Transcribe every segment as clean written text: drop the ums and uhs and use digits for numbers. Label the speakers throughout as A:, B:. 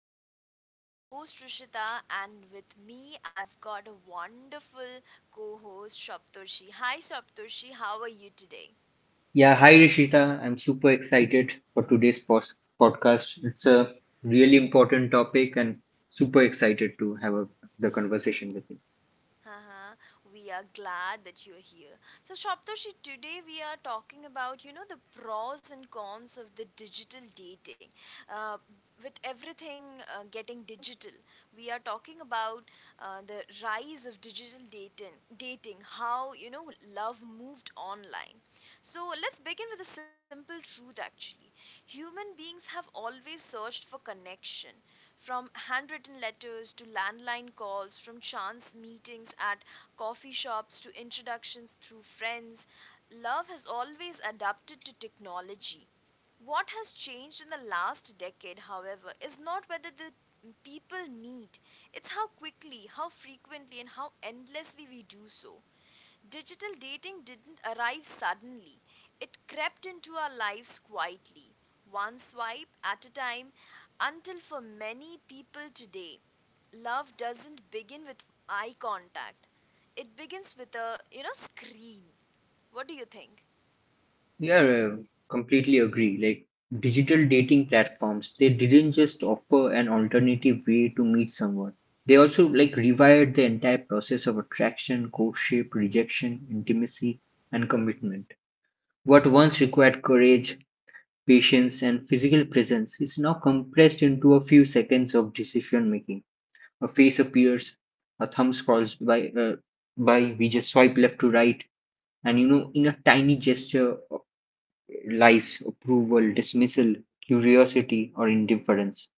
A: I am your host Rishita, and with me, I've got a wonderful co host Shaptoshi. Hi Shaptoshi, how are you today?
B: Yeah, hi Rishita. I'm super excited for today's podcast. It's a really important topic and super excited to have the conversation with you.
A: Uh-huh. We are glad that you're here. So, Shaptoshi, today we are talking about, you know, the pros and cons of the digital dating. Uh, with everything getting digital, we are talking about the rise of digital dating, how, you know, love moved online. So, let's begin with a simple truth actually. Human beings have always searched for connection, from handwritten letters to landline calls, from chance meetings at coffee shops to introductions through friends, love has always adapted to technology. What has changed in the last decade, however, is not whether the people meet, it's how quickly, how frequently, and how endlessly we do so. Digital dating didn't arrive suddenly, it crept into our lives quietly, one swipe at a time, until for many people today, love doesn't begin with eye contact. It begins with a, you know, screen. What do you think?
B: Yeah, completely agree. Like digital dating platforms, they didn't just offer an alternative way to meet someone. They also like rewired the entire process of attraction, courtship, rejection, intimacy, and commitment. What once required courage, patience, and physical presence is now compressed into a few seconds of decision making. A face appears, a thumb scrolls by, we just swipe left to right, and you know, in a tiny gesture lies approval, dismissal, curiosity, or indifference.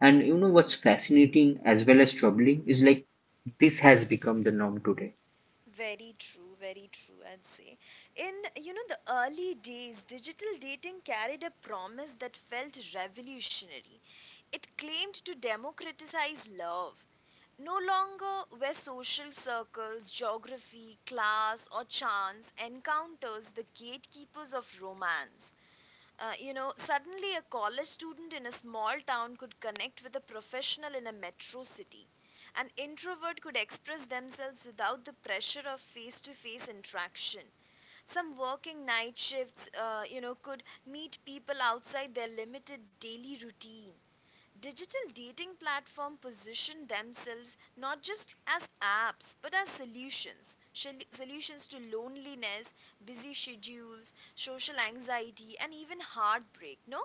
B: And you know what's fascinating as well as troubling is like this has become the norm today.
A: Very true, I'd say. In, you know, the early days, digital dating carried a promise that felt revolutionary. It claimed to democratize love, no longer were social circles, geography, class, or chance encounters the gatekeepers of romance. You know, suddenly a college student in a small town could connect with a professional in a metro city. An introvert could express themselves without the pressure of face to face interaction. Some working night shifts, you know, could meet people outside their limited daily routine. Digital dating platform position themselves not just as apps but as solutions solutions to loneliness, busy schedules, social anxiety, and even heartbreak, no?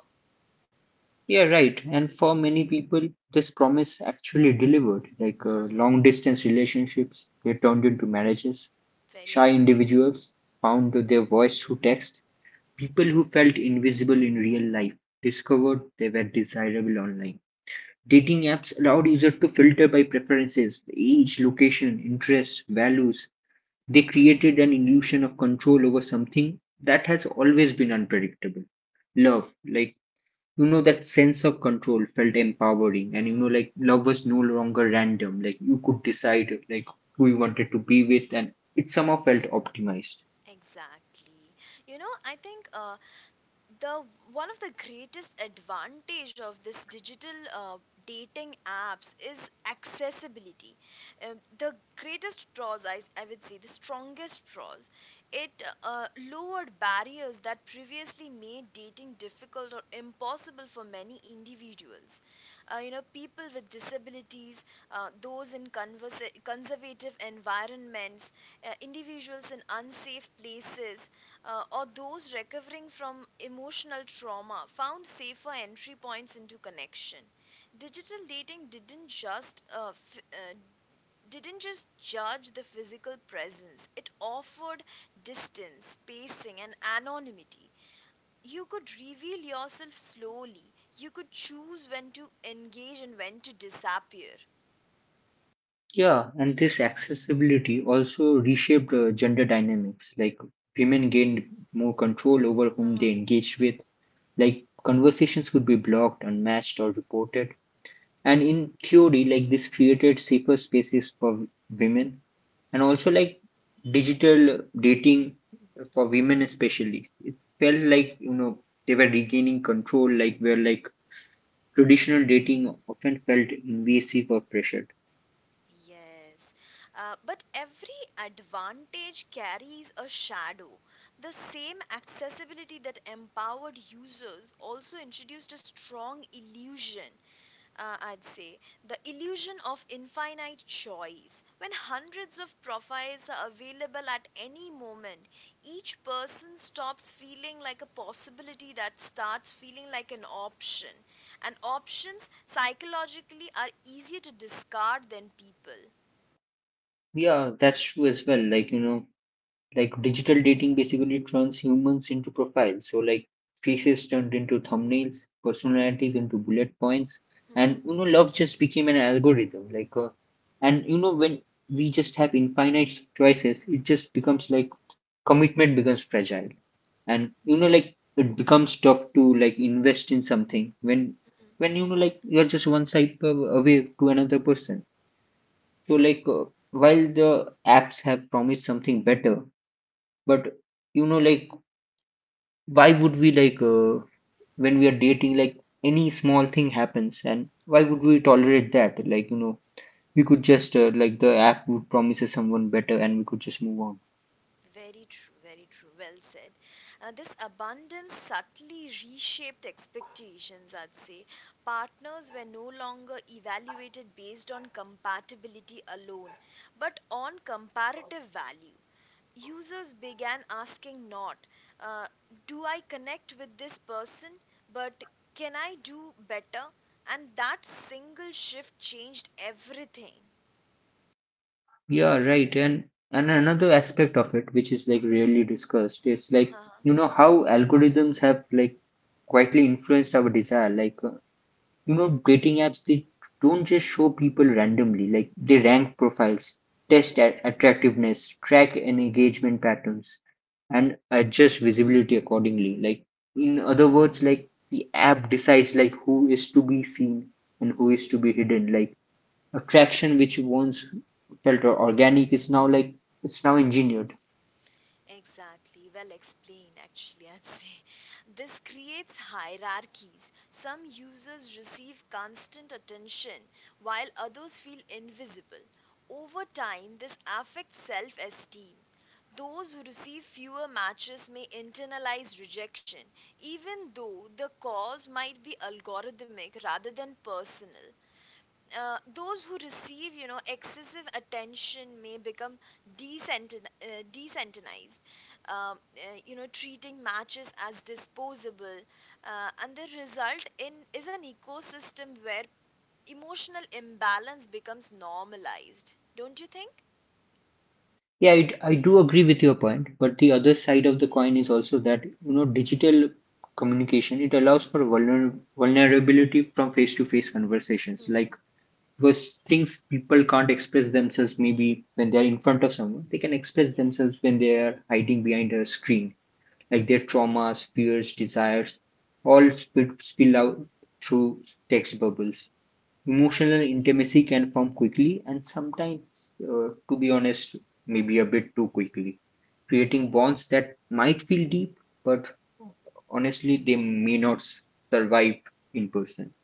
B: Yeah, right. And for many people, this promise actually delivered. Like long distance relationships, they turned into marriages.
A: Very
B: Shy
A: true.
B: individuals found their voice through text. People who felt invisible in real life discovered they were desirable online. Dating apps allowed users to filter by preferences, age, location, interests, values. They created an illusion of control over something that has always been unpredictable. Love, like, you know, that sense of control felt empowering. And, you know, like, love was no longer random. Like, you could decide, like, who you wanted to be with, and it somehow felt optimized.
A: Exactly. You know, I think the one of the greatest advantage of this digital dating apps is accessibility. The greatest pros, I would say the strongest pros, it uh, lowered barriers that previously made dating difficult or impossible for many individuals. You know, people with disabilities, those in conservative environments, individuals in unsafe places, or those recovering from emotional trauma found safer entry points into connection. Digital dating didn't just judge the physical presence. It offered distance, spacing, and anonymity. You could reveal yourself slowly. You could choose when to engage and when to disappear.
B: Yeah, and this accessibility also reshaped gender dynamics. Like women gained more control over whom they
A: Uh-huh.
B: engaged with. Like conversations could be blocked, unmatched, or reported. And in theory, like this created safer spaces for women, and
A: Mhm.
B: also like digital dating for women especially. It felt like you know they were regaining control, like where like traditional dating often felt invasive or pressured.
A: Yes, but every advantage carries a shadow. The same accessibility that empowered users also introduced a strong illusion, I'd say, the illusion of infinite choice. When hundreds of profiles are available at any moment, each person stops feeling like a possibility that starts feeling like an option. And options psychologically are easier to discard than people.
B: Yeah, that's true as well. Like you know like digital dating basically turns humans into profiles, so like faces turned into thumbnails, personalities into bullet points, and
A: Mhm.
B: you know love just became an algorithm, and you know when we just have infinite choices it just becomes like
A: Yes.
B: commitment becomes fragile, and you know like it becomes tough to like invest in something when
A: Mhm.
B: when you know like you're just one away to another person. So while the apps have promised something better, but you know, like, why would we when we are dating, like any small thing happens, and why would
A: Uh-huh.
B: we tolerate that? Like, you know, we could just like the app would promises someone better, and we could just move on.
A: Very true, very true. Well said. This abundance subtly reshaped expectations, I'd say. Partners were no longer evaluated based on compatibility alone, but on comparative value. Users began asking not, uh, do I connect with this person, but can I do better? And that single shift changed everything.
B: Yeah, right. And another aspect of it, which is like rarely discussed, is like
A: Haha,
B: you know how algorithms have like quietly influenced our desire. You know, dating apps, they don't just show people randomly, like they rank profiles, test at
A: yes.
B: attractiveness, track and engagement patterns, and adjust visibility accordingly. Like in other words, like the app decides like who is to be seen and who is to be hidden. Like attraction which once felt organic is now like it's now engineered.
A: Exactly, well explained actually, I'd say. This creates hierarchies. Some users receive constant attention while others feel invisible. Over time, this affects self esteem. Those who receive fewer matches may internalize rejection, even though the cause might be algorithmic rather than personal. Those who receive, you know, excessive attention may become desensitized. You know, treating matches as disposable, and the result in is an ecosystem where emotional imbalance becomes normalized. Don't you think?
B: Yeah, I do agree with your point, but the other side of the coin is also that you know digital communication it allows for vulnerability from face-to-face conversations, like
A: Mm-hmm.
B: because things people can't express themselves maybe when they're in front of someone, they can express themselves
A: Yes,
B: when they are hiding behind a screen, like their traumas, fears, desires, all spill out through text bubbles.
A: I
B: Emotional
A: agree.
B: intimacy can form quickly and sometimes, to be honest, maybe a bit too quickly, creating bonds that might feel deep, but honestly, they may not s- survive in person.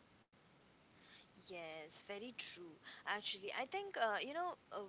A: Yes, very true. Actually, I think, you know, uh,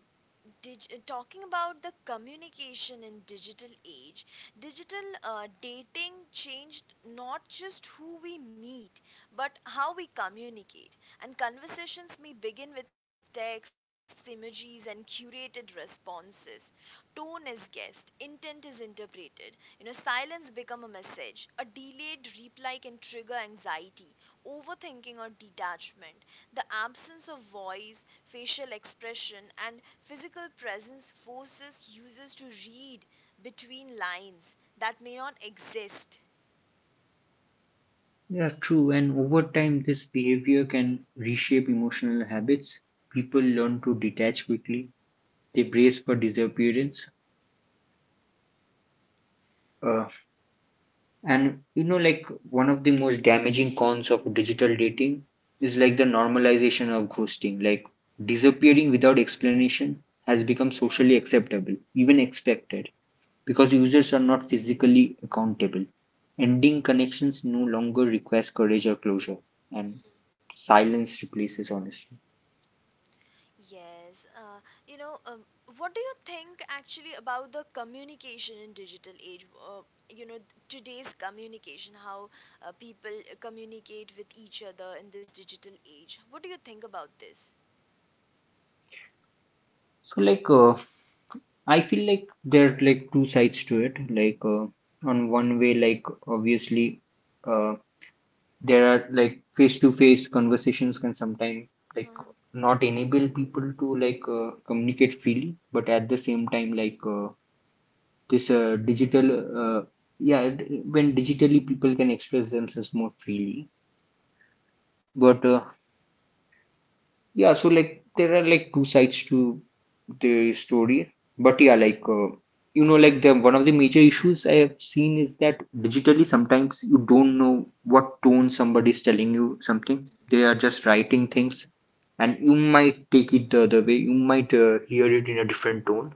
A: dig- uh, talking about the communication in digital age, digital dating changed not just who we meet, but how we communicate. And conversations may begin with texts, emojis, and curated responses. Tone is guessed, intent is interpreted. You know, silence become a message. A delayed reply can trigger anxiety, overthinking, or detachment. The absence of voice, facial expression, and physical presence forces users to read between lines that may not exist.
B: Yeah, true. And over time, this behavior can reshape emotional habits. People learn to detach quickly, they
A: Mhm,
B: brace for disappearance. Uh, And you know, like one of the most damaging cons of digital dating is
A: mhm.
B: like the normalization of ghosting. Like disappearing without explanation has become socially
A: Yes.
B: acceptable, even expected, because users are not physically accountable. Ending connections no longer requires courage or closure, and silence replaces honesty.
A: Yes, you know, what do you think actually about the communication in digital age? You know, today's communication, how people communicate with each other in this digital age. What do you think about this?
B: So, I feel like there are like two sides to it. On one way, like obviously, uh, there are like face-to-face conversations can sometimes like
A: uh
B: not enable people to communicate freely but at the same time this digital yeah it- when digitally people can express themselves more freely but yeah, so like there are like two sides to the story, but yeah, you know, like the one of the major issues I have seen is that digitally sometimes you don't know what tone somebody is telling you something. They are just writing things, and you might take it the other way. You might hear it in a different tone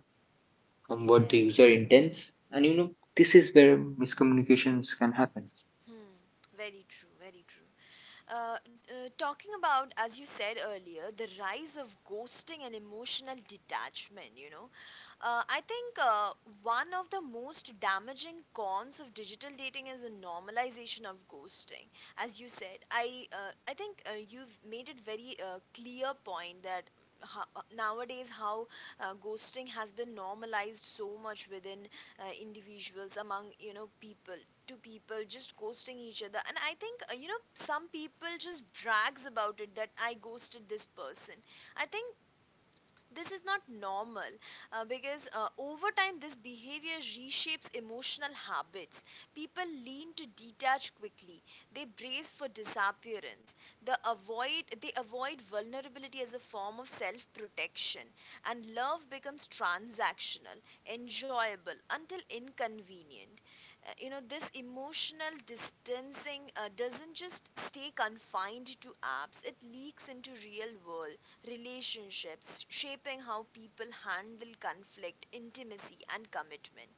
B: from what the user
A: Yes.
B: intends, and you know, this is where miscommunications can happen.
A: Hmm, very true, very true. Talking about, as you said earlier, the rise of ghosting and emotional detachment, you know, I think one of the most damaging cons of digital dating is the normalization of ghosting. As you said, I think you've made it very clear point that nowadays how ghosting has been normalized so much within individuals, among you know people, to people just ghosting each other. And I think you know some people just brags about it that I ghosted this person. I think this is not normal, because over time this behavior reshapes emotional habits. People lean to detach quickly, they brace for disappearance. They avoid vulnerability as a form of self protection, and love becomes transactional, enjoyable until inconvenient. You know, this emotional distancing doesn't just stay confined to apps, it leaks into real world relationships, shaping how people handle conflict, intimacy, and commitment.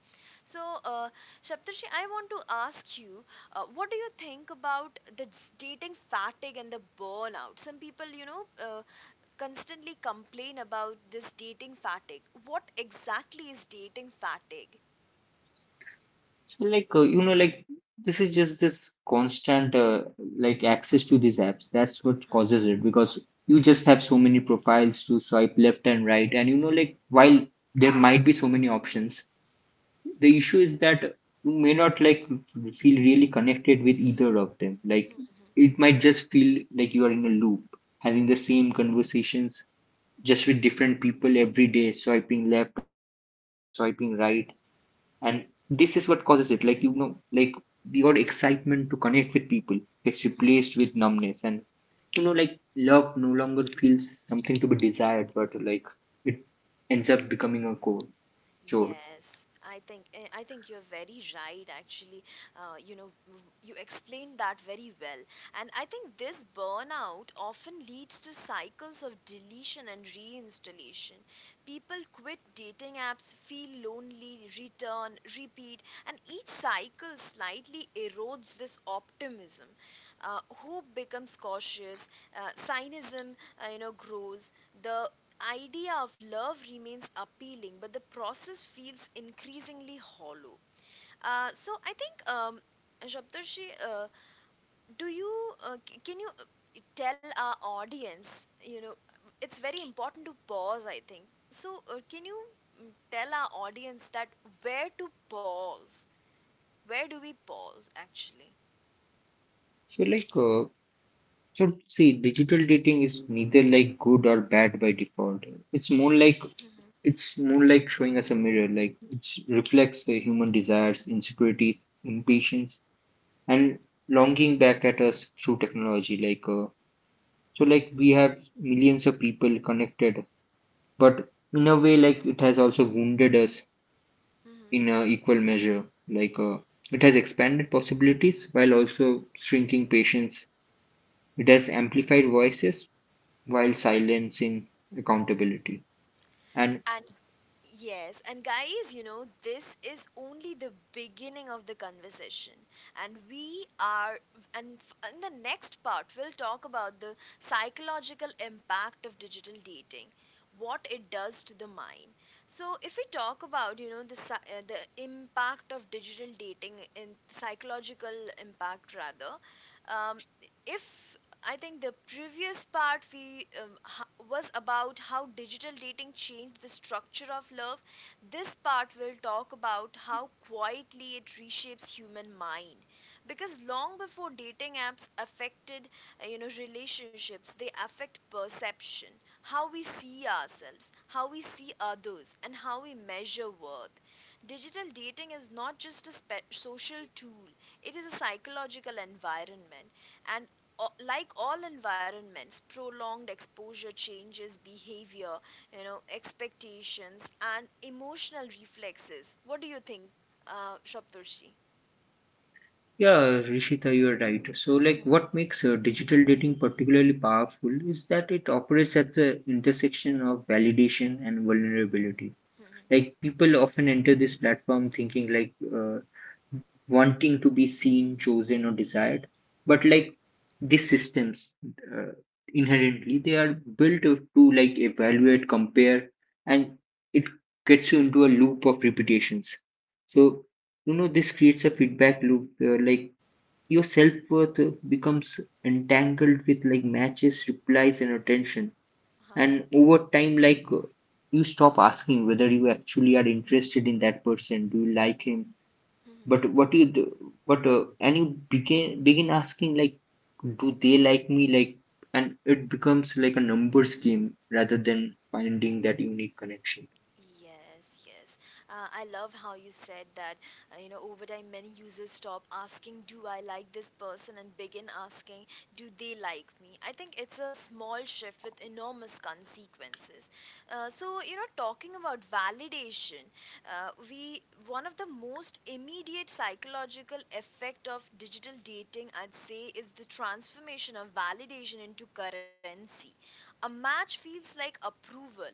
A: So, Shaptarshi, I want to ask you, what do you think about the dating fatigue and the burnout? Some people, you know, constantly complain about this dating fatigue. What exactly is dating fatigue?
B: So you know like this is just this constant like access to these apps. That's what causes it because you just have so many profiles to swipe left and right. And you know like while there might be so many options, the issue is that you may not like feel really connected with either of them. Like it might just feel like you are in a loop, having the same conversations just with different people every day, swiping left or swiping right and this is what causes it like you know like the odd excitement to connect with people gets replaced
A: Uh-huh.
B: with numbness and you know like love no longer feels something to be desired but like it ends up becoming a core chore.
A: Yes, I think you're very right. Actually, you know, you explained that very well, and I think this burnout often leads to cycles of deletion and reinstallation. People quit dating apps, feel lonely, return, repeat, and each cycle slightly erodes this optimism. Hope becomes cautious, cynism, you know, grows. The idea of love remains appealing, but the process feels increasingly hollow. So, Shabdarshi, do you can you tell our audience? You know, it's very important to pause. I think so. Can you tell our audience that where to pause? Where do we pause actually?
B: So so see digital dating is neither like good or bad by default, it's more
A: hmm
B: like it's more like showing us a mirror like it reflects the human desires, insecurities, impatience, and longing back at us through technology so like we have millions of people connected, but in a way like it has also wounded us
A: hmm
B: in a equal measure. Like uh, it has expanded possibilities while also shrinking patience. It has amplified voices while silencing accountability. And
A: And yes, and guys, you know, this is only the beginning of the conversation. And we are, and f- In the next part, we'll talk about the psychological impact of digital dating, what it does to the mind. So, if we talk about, you know, the impact of digital dating, in psychological impact rather, um, if I think the previous part was about how digital dating changed the structure of love. This part will talk about how quietly it reshapes human mind because long before dating apps affected you know relationships, they affect perception, how we see ourselves, how we see others and how we measure worth. Digital dating is not just a social tool, it is a psychological environment and like all environments, prolonged exposure changes behavior, you know, expectations, and emotional reflexes. What do you think, Shaptoshi?
B: yeah, Rishita, you're right. So like what makes digital dating particularly powerful is that it operates at the intersection of validation and vulnerability, like people often enter this platform thinking wanting to be seen, chosen, or desired but like these systems uh, inherently they are built to like evaluate, compare, and it gets you into a loop of repetitions. So you know this creates a feedback loop where like your self-worth becomes entangled with like matches, replies, and attention, and over time you stop asking whether you actually are interested in that person, do you like him, but what you do but and you begin asking like do they like me, like and it becomes like a numbers game rather than finding that unique connection.
A: Yes, yes. I love how you said that. You know, over time, many users stop asking, do I like this person? And begin asking, do they like me? I think it's a small shift with enormous consequences. So, you know, talking about validation, we one of the most immediate psychological effect of digital dating, I'd say, is the transformation of validation into currency. A match feels like approval,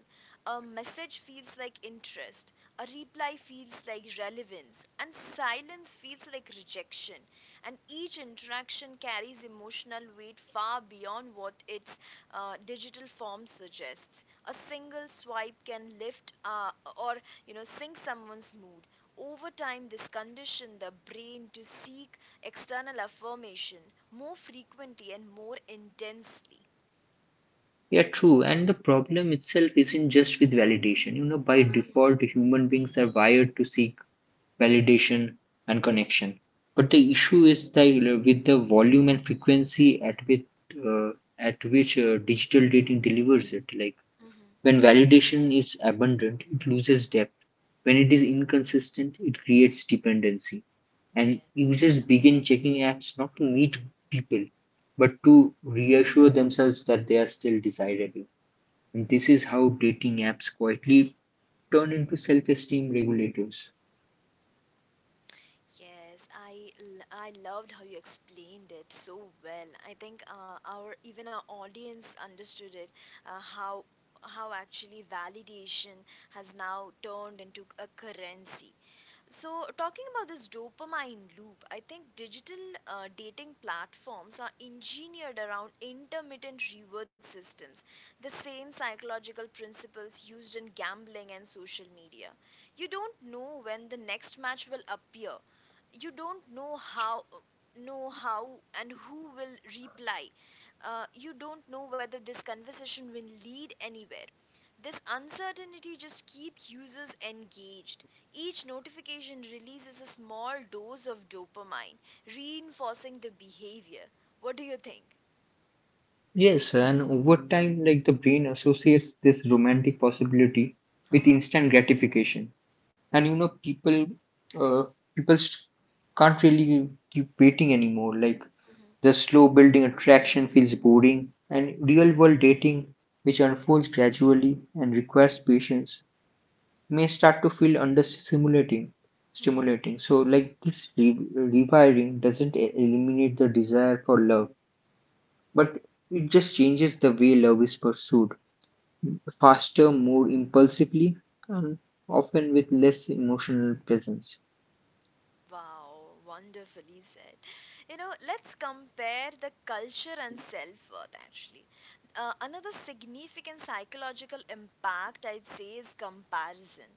A: a message feels like interest, a reply feels like relevance, and silence feels like rejection. And each interaction carries emotional weight far beyond what its digital form suggests. A single swipe can lift or you know sink someone's mood. Over time, this condition the brain to seek external affirmation more frequently and more intensely.
B: Yeah, true. And the problem itself isn't just with validation, you know by
A: Mhm.
B: default human beings are wired to seek validation and connection. But the issue
A: Yes,
B: is that with the volume and frequency at which uh, digital dating delivers it, like
A: Mhm.
B: when validation is abundant, it loses depth. When it is inconsistent, it creates dependency, and users begin checking apps not to meet people, but to reassure themselves that they are still desirable. And this is
A: yes.
B: how dating apps quietly turn into self-esteem regulators.
A: Yes, I loved how you explained it so well. I think our even our audience understood it, uh, how how actually validation has now turned into a currency. So, talking about this dopamine loop, I think digital dating platforms are engineered around intermittent reward systems, the same psychological principles used in gambling and social media. You don't know when the next match will appear. You don't know how and who will reply. You don't know whether this conversation will lead anywhere. This uncertainty just keeps users engaged. Each notification releases a small dose of dopamine, reinforcing the behavior. What do you think?
B: Yes, and over time, like the brain associates this romantic possibility with
A: Uh-huh.
B: instant gratification, and you know, uh, people st- can't really keep waiting anymore. Like
A: Mhm.
B: the slow building attraction feels boring, and real world dating, which unfolds gradually and requires patience, may start to feel
A: Mhm.
B: stimulating. So, like this re rewiring doesn't eliminate the desire for love but it just changes the way love is pursued, faster, more impulsively, and often with less emotional presence.
A: Wow, wonderfully said. You know, let's compare the culture and self worth actually. Another significant psychological impact, I'd say, is comparison.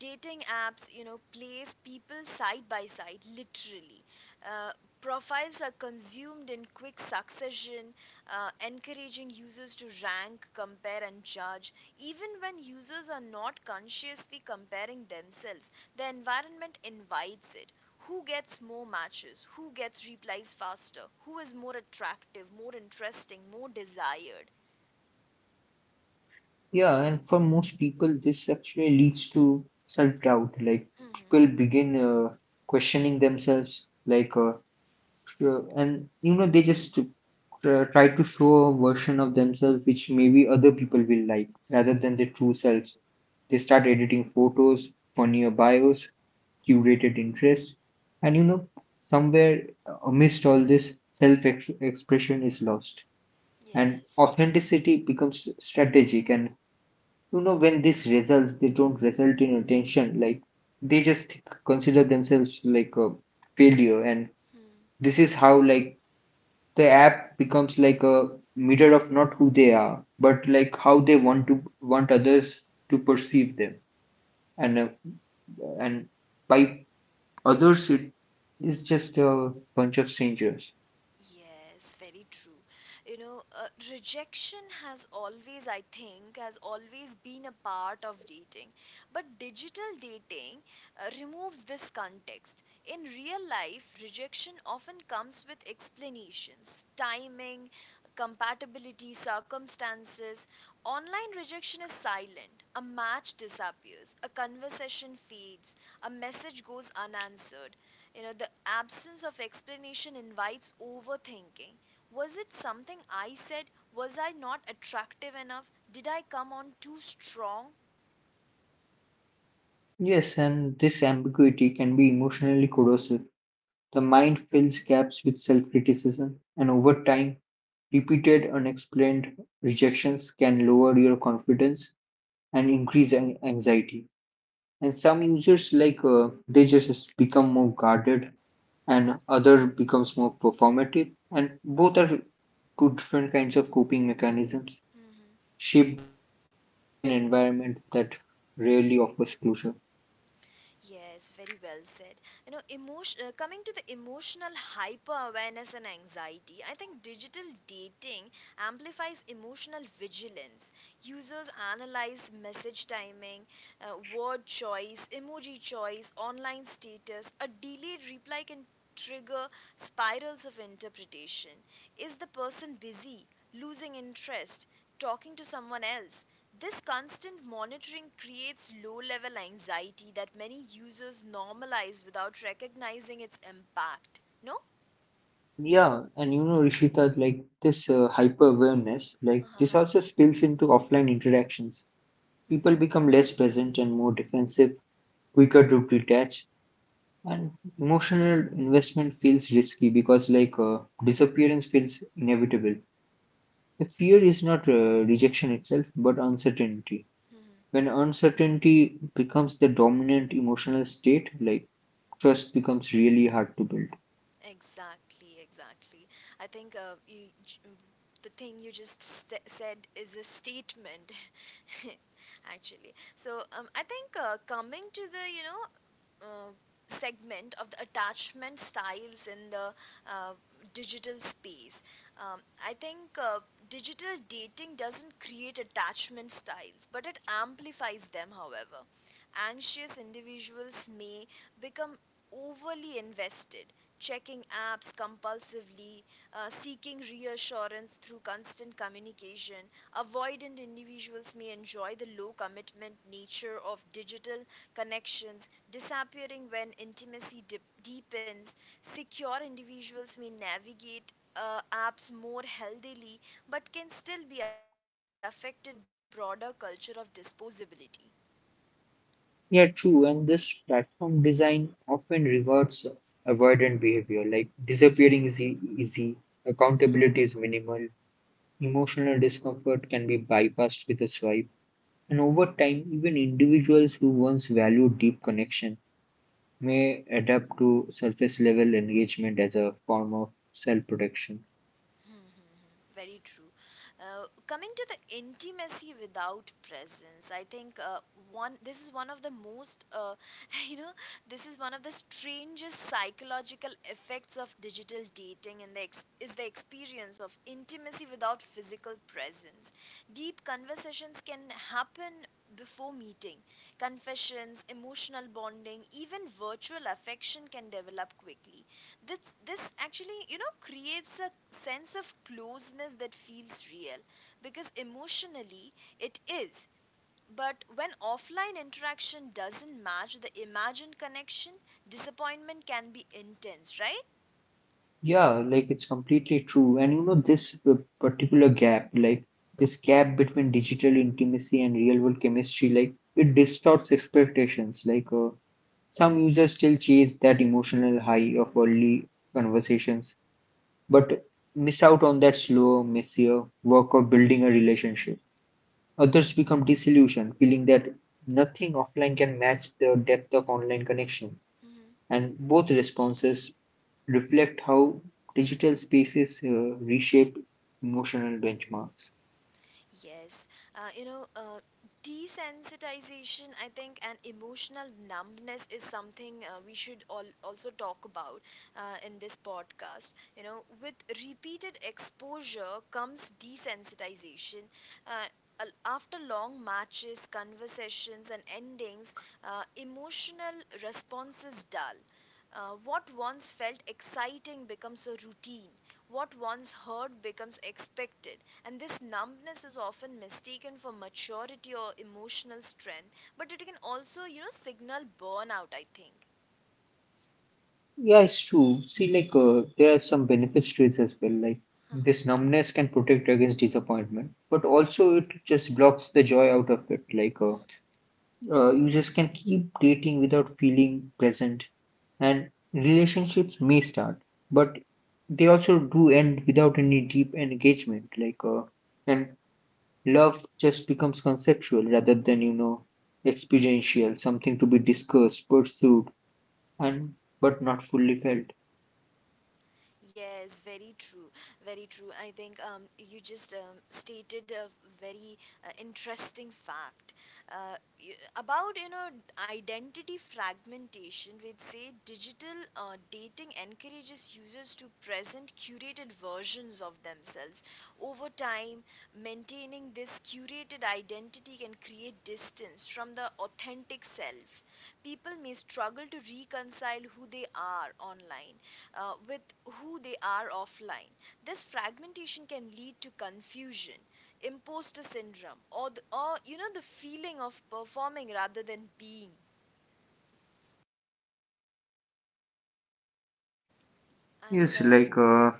A: Dating apps, you know, place people side by side, literally. Uh, Profiles are consumed in quick succession, encouraging users to rank, compare, and judge. Even when users are not consciously comparing themselves, the environment invites it: who gets more matches, who gets replies faster, who is more attractive, more interesting, more desired.
B: Yeah, and for most people, this actually leads to self doubt. Like,
A: Hmm.
B: people begin questioning themselves, and you know, they try to show a version of themselves which maybe other people will like rather
A: Hmm.
B: than their true selves. They start editing photos, funnier bios, curated interest, and you know, somewhere amidst all this, self expression is lost and
A: Yes.
B: authenticity becomes strategic. And you know, when these results, they don't result in attention, like they just consider themselves like a failure. And
A: Hmm.
B: this is how, like, the app becomes like a mirror of not who they are, but like how they want to want others to perceive them. And uh, and by Others, it is just a bunch of strangers.
A: Yes, very true. You know, rejection has always, I think, has always been a part of dating. But digital dating removes this context. In real life, rejection often comes with explanations, timing, compatibility, circumstances. Online rejection is silent. A match disappears, a conversation fades, a message goes unanswered. You know, the absence of explanation invites overthinking. Was it something I said? Was I not attractive enough? Did I come on too strong?
B: Yes, and this ambiguity can be emotionally corrosive. The mind fills gaps with self criticism, and over time, repeated unexplained rejections can lower your confidence and increase anxiety. And some users, they just become more guarded, and other becomes more performative, and both are two different kinds of coping mechanisms
A: Mhm.
B: shaped by an environment that rarely offers closure.
A: Yes, very well said. You know, coming to the emotional hyper awareness and anxiety, I think digital dating amplifies emotional vigilance. Users analyze message timing, word choice, emoji choice, online status. A delayed reply can trigger spirals of interpretation. Is the person busy, losing interest, talking to someone else? This constant monitoring creates low level anxiety that many users normalize without recognizing its impact. No?
B: Yeah, and you know, Rishita, like this hyper awareness, like
A: Uh
B: this
A: huh.
B: also spills into offline interactions. People
A: Hmm.
B: become less present and more defensive, quicker to detach, and emotional investment feels risky because, like, disappearance feels inevitable. The fear is not rejection itself, but uncertainty.
A: Hmm.
B: When uncertainty becomes the dominant emotional state, like, trust becomes really hard to build.
A: Exactly, exactly. I think the thing you just said is a statement, actually. So I think coming to the uh, segment of the attachment styles in the uh, digital space, um, I think digital dating doesn't create attachment styles, but it amplifies them. However, anxious individuals may become overly invested, checking apps compulsively, seeking reassurance through constant communication. Avoidant individuals may enjoy the low commitment nature of digital connections, disappearing when intimacy deepens. Secure individuals may navigate apps more healthily but can still be affected by the broader culture of disposability.
B: Yeah, true. And this platform design often rewards avoidant behavior, like disappearing
A: Yes.
B: is easy, accountability is minimal, emotional discomfort can be bypassed with a swipe. And over time, even individuals who once valued deep connection may adapt to surface level engagement as a form of self protection.
A: Hmm, hmm, hmm. Very true. Coming to the intimacy without presence, I think one this is one of the most you know this is one of the strangest psychological effects of digital dating and the is the experience of intimacy without physical presence. Deep conversations can happen before meeting. Confessions, emotional bonding, even virtual affection can develop quickly. This this actually creates a sense of closeness that feels real because emotionally it is. But when offline interaction doesn't match the imagined connection, disappointment can be intense, right?
B: Yeah, like it's completely true. And you know, particular gap, like this gap between digital intimacy and real world chemistry, like it distorts expectations. Like some users still chase that emotional high of early conversations, but miss out on that slower, messier work of building a relationship. Others become disillusioned, feeling that nothing offline can match the depth of online connection.
A: Mm-hmm.
B: And both responses reflect how digital spaces reshape emotional benchmarks.
A: Yes, uh, you know, uh, desensitization, I think, and emotional numbness is something we should all also talk about in this podcast. You know, with repeated exposure comes desensitization. Uh, after long matches, conversations, and endings, emotional responses dull. What once felt exciting becomes a routine. What once heard becomes expected, and this numbness is often mistaken for maturity or emotional strength, but it can also signal burnout, I think.
B: Yeah, it's true. See, like, there are some benefits to it as well. Like, this numbness can protect against disappointment, but also
A: Yes.
B: it just blocks the joy out of it. Like, users can keep dating without feeling present, and relationships may start, but they also do end without any deep engagement. Like, and love just becomes conceptual rather than experiential, something to be discussed, pursued, and but not fully felt.
A: Yes, very true, very true. I think you just stated a very interesting fact, about identity fragmentation. We'd say digital dating encourages users to present curated versions of themselves. Over time, maintaining this curated identity can create distance from the authentic self. People may struggle to reconcile who they are online with who they are offline. This fragmentation can lead to confusion, imposter syndrome, or the, or you know the feeling of performing rather than being. And
B: Yes,
A: uh,
B: like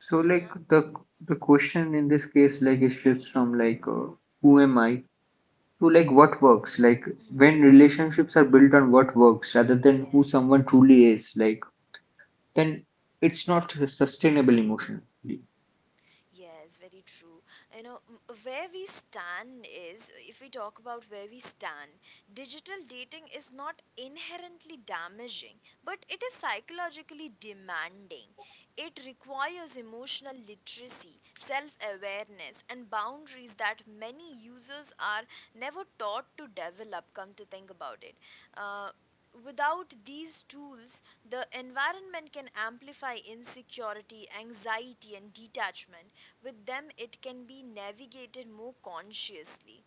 B: so like the question in this case, like it shifts from like who am I to like what works. Like
A: Mhm.
B: when relationships are built on what works rather than who
A: Yes.
B: someone truly is, like then it's not sustainable emotionally.
A: Yes, very true. You know, where we stand is, if we talk about where we stand, digital dating is not inherently damaging, but it is psychologically demanding. It requires emotional literacy, self awareness, and boundaries that many users are never taught to develop, come to think about it. Uh, without these tools, the environment can amplify insecurity, anxiety, and detachment. With them it can be navigated more consciously.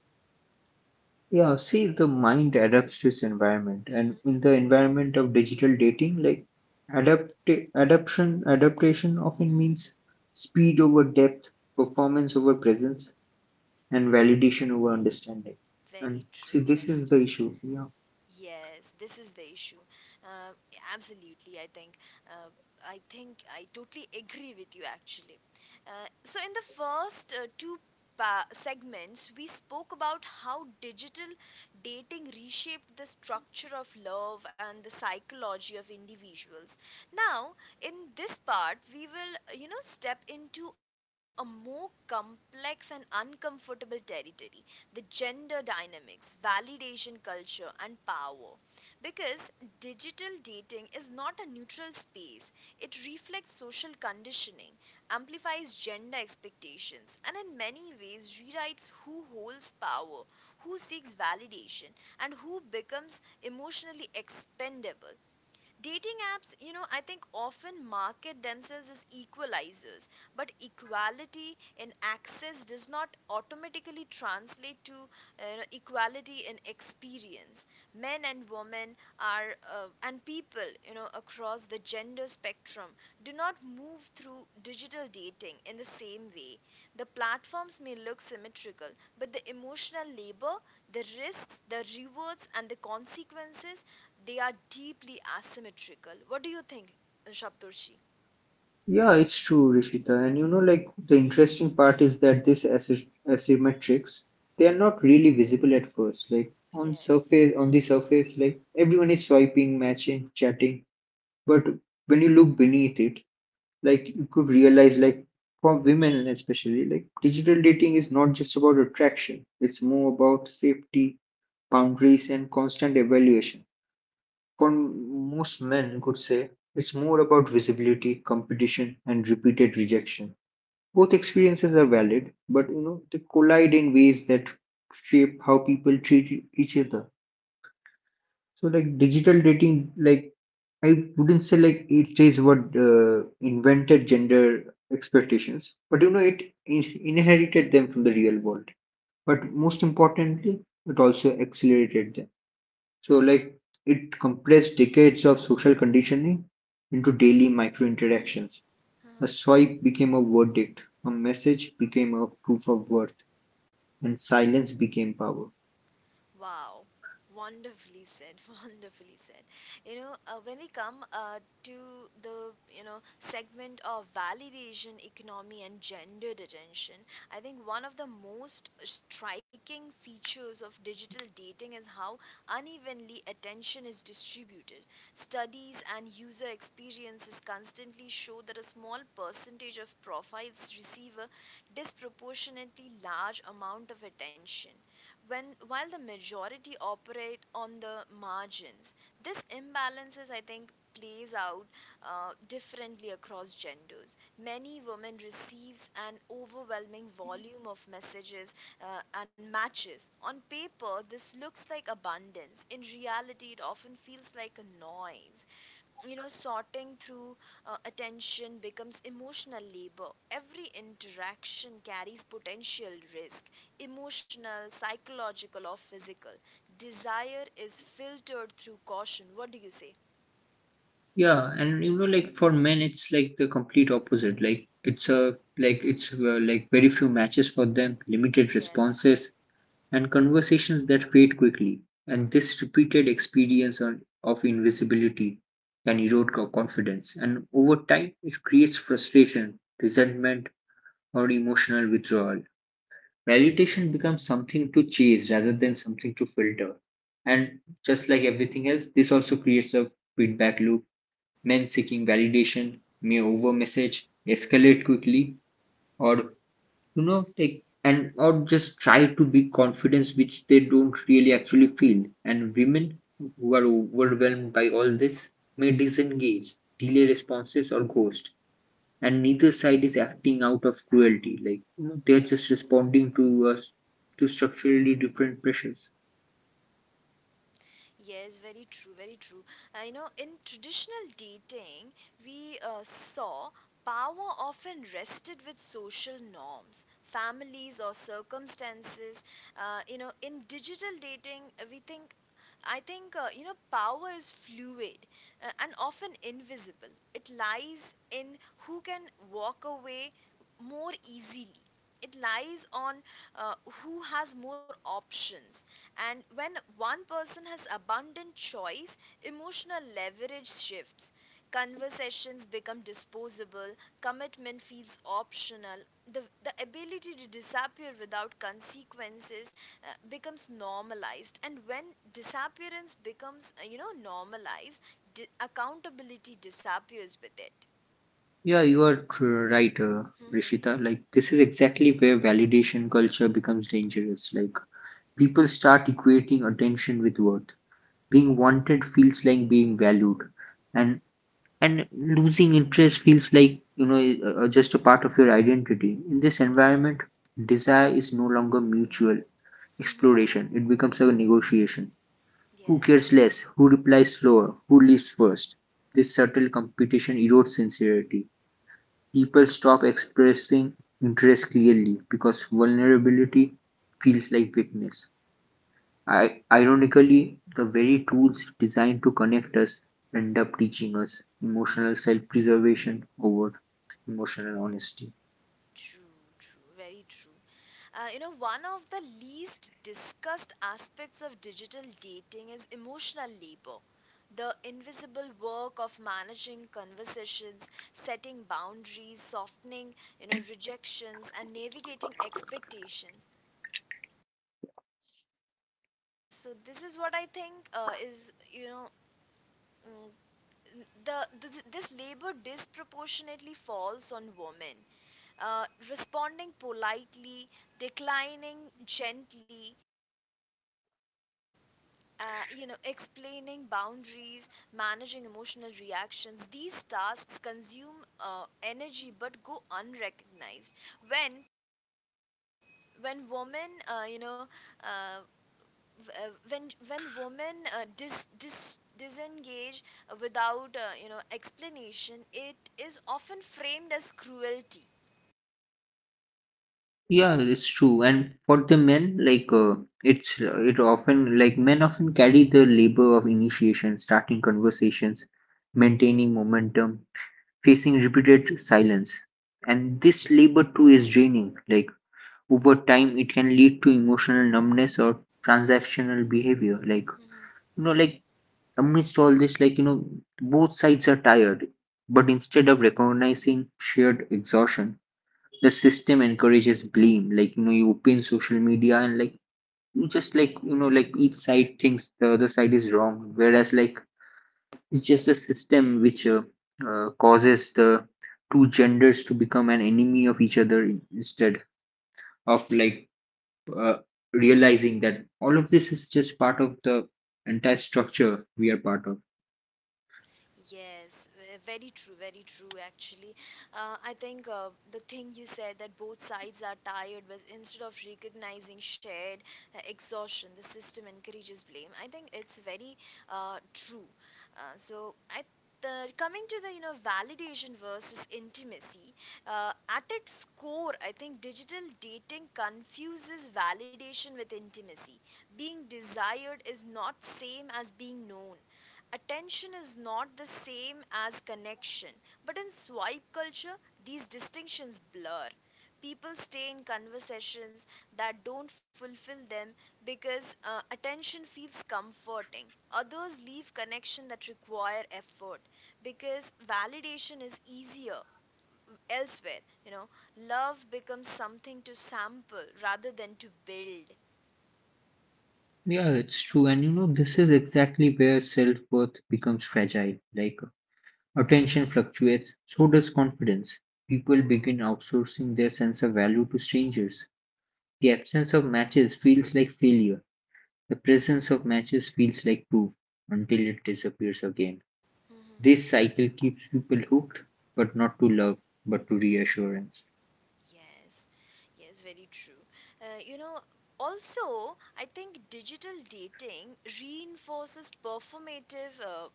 B: Yeah, see, the mind adapts to its environment,
A: Mm-hmm.
B: and in the environment of digital dating, like adapt adaptation often
A: Mm-hmm.
B: means speed over depth, performance over presence, and validation over understanding. And
A: Very
B: see,
A: true,
B: this
A: very
B: is the
A: true.
B: issue. Yeah,
A: Yes, this is the issue. Uh, absolutely, I think. Uh, I think I totally agree with you, actually. Uh, so, in the first two segments, we spoke about how digital dating reshaped the structure of love and the psychology of individuals. Now, in this part, we will step into a more complex and uncomfortable territory: the gender dynamics, validation culture, and power, because digital dating is not a neutral space. It reflects social conditioning, amplifies gender expectations, and in many ways rewrites who holds power, who seeks validation, and who becomes emotionally expendable. Dating apps, you know, I think often market themselves as equalizers, but equality in access does not automatically translate to equality in experience. Men and women are, and people, you know, across the gender spectrum, do not move through digital dating in the same way. The platforms may look symmetrical, but the emotional labor, the risks, the rewards, and the consequences, they are deeply asymmetrical. What do you think, Shabdurshi?
B: yeah, it's true, Rishita. And you know, like the
A: Mhm.
B: interesting part is that asymmetrics, they are not really visible at first. Like
A: Yes.
B: on the surface, like everyone is swiping, matching, chatting, but when you look beneath it, like you could realize, like for women especially, like digital dating is not just about attraction, it's more about safety, boundaries, and constant evaluation. For most men could say it's more about visibility, competition, and repeated rejection. Both experiences are valid, but you know they collide in ways that shape how people treat each other. So like digital dating, like I wouldn't say like it says what invented gender expectations, but you know it inherited them from the real world. But most importantly, it also accelerated them. So like it compressed decades of social conditioning into daily micro interactions. A swipe became a verdict, a message became a proof of worth, and silence became power.
A: Wow, wonderfully said, wonderfully said. You know, when we come to the segment of validation economy and gendered attention, I think one of the most striking features of digital dating is how unevenly attention is distributed. Studies and user experiences constantly show that a small percentage of profiles receive a disproportionately large amount of attention, when while the majority operate on the margins. This imbalances, I think, plays out differently across genders. Many women receives an overwhelming volume of messages and matches. On paper, this looks like abundance; in reality, it often feels like a noise. You know, sorting through attention becomes emotional labor. Every interaction carries potential risk, emotional, psychological, or physical. Desire is filtered through caution. What do you say?
B: Yeah, and you know, like for men, it's like the complete opposite. Like it's a like it's like very few matches for them, limited
A: Yes.
B: responses, and conversations that fade quickly. And this repeated experience of invisibility can erode confidence, and over time, it creates frustration, resentment, or emotional withdrawal. Validation becomes something to chase rather than something to filter. And just like everything else, this also creates a feedback loop. Men seeking validation may
A: Mhm.
B: overmessage, escalate quickly, or you know, take and or just try to be confidence which they don't really actually feel. And women who are overwhelmed by all this may disengage, delay responses, or ghost. And neither side is acting out of cruelty. Like you know, they're just
A: Yes.
B: responding to us, to structurally different pressures.
A: Yes, very true, very true. You know, in traditional dating, we saw power often rested with social norms, families, or circumstances. You know, in digital dating, we think. I think power is fluid, and often invisible. It lies in who can walk away more easily. It lies on who has more options. And when one person has abundant choice, emotional leverage shifts. Conversations become disposable, commitment feels optional, the ability to disappear without consequences becomes normalized. And when disappearance becomes, normalized, accountability disappears with it.
B: Yeah, you are right,
A: Mhm.
B: Rishita. Like, this is exactly where validation culture becomes dangerous. Like, people start equating attention with worth. Being wanted feels like being valued, and losing interest feels like you know just a part of your identity. In this
A: Yes.
B: environment, desire is no longer mutual
A: Mm-hmm.
B: exploration; it becomes a negotiation. Who
A: Yes,
B: cares less? Who replies slower? Who leaves first? This subtle competition erodes sincerity. People stop expressing interest clearly because vulnerability feels like weakness. Ironically, the very tools designed to connect us end up teaching us emotional self preservation over emotional honesty.
A: true, true, very true. You know, one of the least discussed aspects of digital dating is emotional labor. The invisible work of managing conversations, setting boundaries, softening, you know, rejections, and navigating expectations. So, this is what I think is, mm, this labor disproportionately falls on women. Uh, Responding politely, declining gently, explaining boundaries, managing emotional reactions. These tasks consume energy but go unrecognized. When when women, uh, disengage without explanation, it is often framed as cruelty.
B: Yeah, it's true. And for the men, like it's it often like men often carry the labor of initiation, starting conversations, maintaining momentum, facing repeated silence, and this labor too is draining. Like over time, it can lead to emotional numbness or transactional behavior. Like you know, like amidst all this, like, you know, both sides are tired. But instead of recognizing shared exhaustion, the system encourages blame. Like, you know, you open social media and, like, you just, like, you know, like each side thinks the other side is wrong. Whereas, like, it's just a system which causes the two genders to become an enemy of each other instead of, like, uh, realizing that all of this is just part of the entire structure we are part of.
A: Yes, very true, very true actually. I think the thing you said, that both sides are tired, but instead of recognizing shared exhaustion, the system encourages blame, I think, it's very true. So, coming to the validation versus intimacy, at its core, I think digital dating confuses validation with intimacy. Being desired is not same as being known. Attention is not the same as connection. But in swipe culture, these distinctions blur. People stay in conversations that don't fulfill them because attention feels comforting. Others leave connection that require effort because validation is easier elsewhere. You know, love becomes something to sample rather than to build.
B: Yeah, it's true. And you know, this is exactly where self-worth becomes fragile. Like attention fluctuates, so does confidence. People begin outsourcing their sense of value to strangers. The absence of matches feels like failure. The presence of matches feels like proof until it disappears again.
A: Mhm.
B: This cycle keeps people hooked, but not to love, but to reassurance.
A: Yes, yes, very true. You know, also, I think digital dating reinforces performative uh,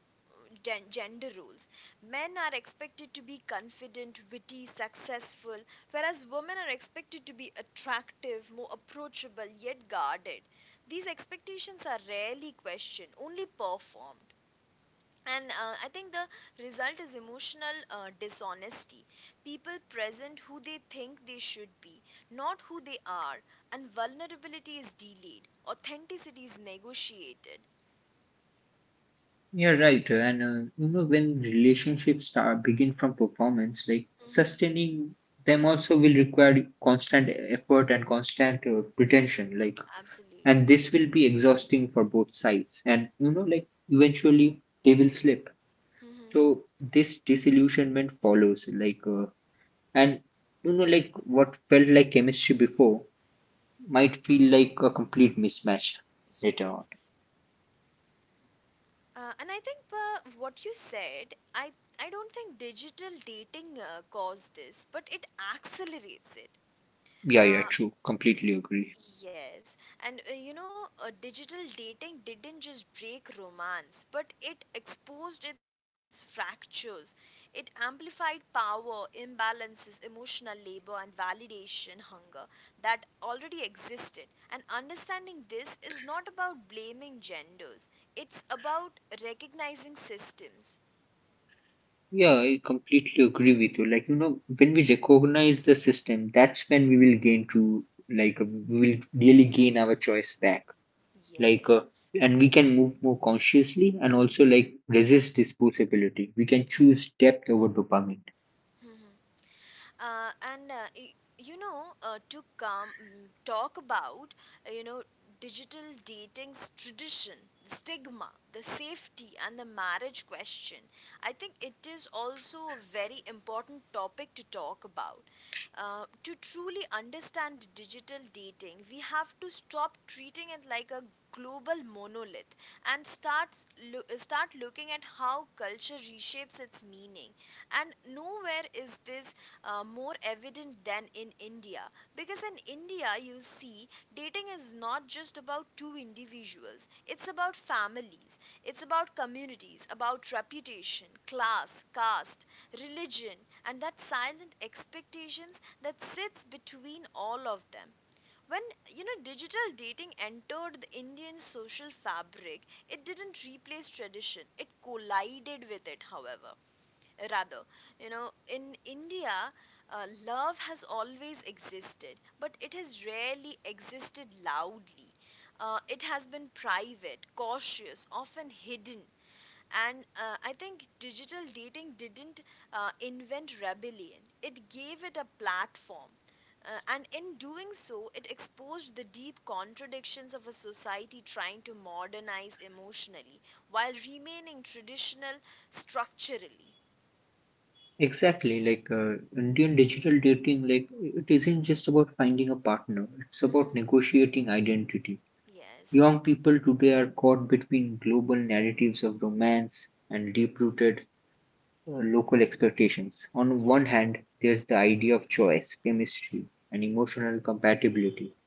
A: gen- gender roles. Men are expected to be confident, witty, successful, whereas women are expected to be attractive, more approachable, yet guarded. These expectations are rarely questioned, only performed. And I think the result is emotional dishonesty. People present who they think they should be, not who they are. And vulnerability is delayed, authenticity is negotiated.
B: You're right, and you know, when relationships start begin from performance, like
A: Mm-hmm.
B: sustaining them also will require constant effort and constant pretension, like, and
A: Absolutely.
B: this will be exhausting for both sides, and you know, like eventually they will slip.
A: Mm-hmm.
B: So this disillusionment follows, like, and you know, like what felt like chemistry before might feel like a complete mismatch later on.
A: Yes. And I think what you said, I don't think digital dating caused this, but it accelerates it.
B: Yeah, yeah,
A: uh,
B: true. Completely agree.
A: Yes, and digital dating didn't just break romance, but it exposed its fractures. It amplified power, imbalances, emotional labor, and validation hunger that already existed. And understanding this is not about blaming genders, it's about recognizing systems.
B: Yeah, I completely agree with you. Like, you know, when we recognize the system, that's when we will gain to, like, we will really gain our choice back. Like,
A: Yes.
B: and we can move more consciously and also, like, resist disposability. We can choose depth over dopamine.
A: And to talk about uh, you know digital dating's tradition, the stigma, the safety, and the marriage question. I think it is also a very important topic to talk about. To truly understand digital dating, we have to stop treating it like a global monolith and start looking at how culture reshapes its meaning. And nowhere is this more evident than in India. Because in India, you'll see dating is not just about two individuals, it's about families, it's about communities, about reputation, class, caste, religion, and that silent expectations that sits between all of them. When digital dating entered the Indian social fabric, it didn't replace tradition. It collided with it, however rather you know in india love has always existed but it has rarely existed loudly. It has been private cautious often hidden. And I think digital dating didn't invent rebellion, it gave it a platform. And in doing so, it exposed the deep contradictions of a society trying to modernize emotionally while remaining traditional structurally.
B: Exactly. Like, Indian digital dating, like, it isn't just about finding a partner, it's
A: Hmm.
B: about negotiating identity.
A: Yes,
B: Young people today are caught between global narratives of romance and deep rooted local expectations. On one
A: yes.
B: hand, there's the idea of choice, chemistry, and emotional compatibility.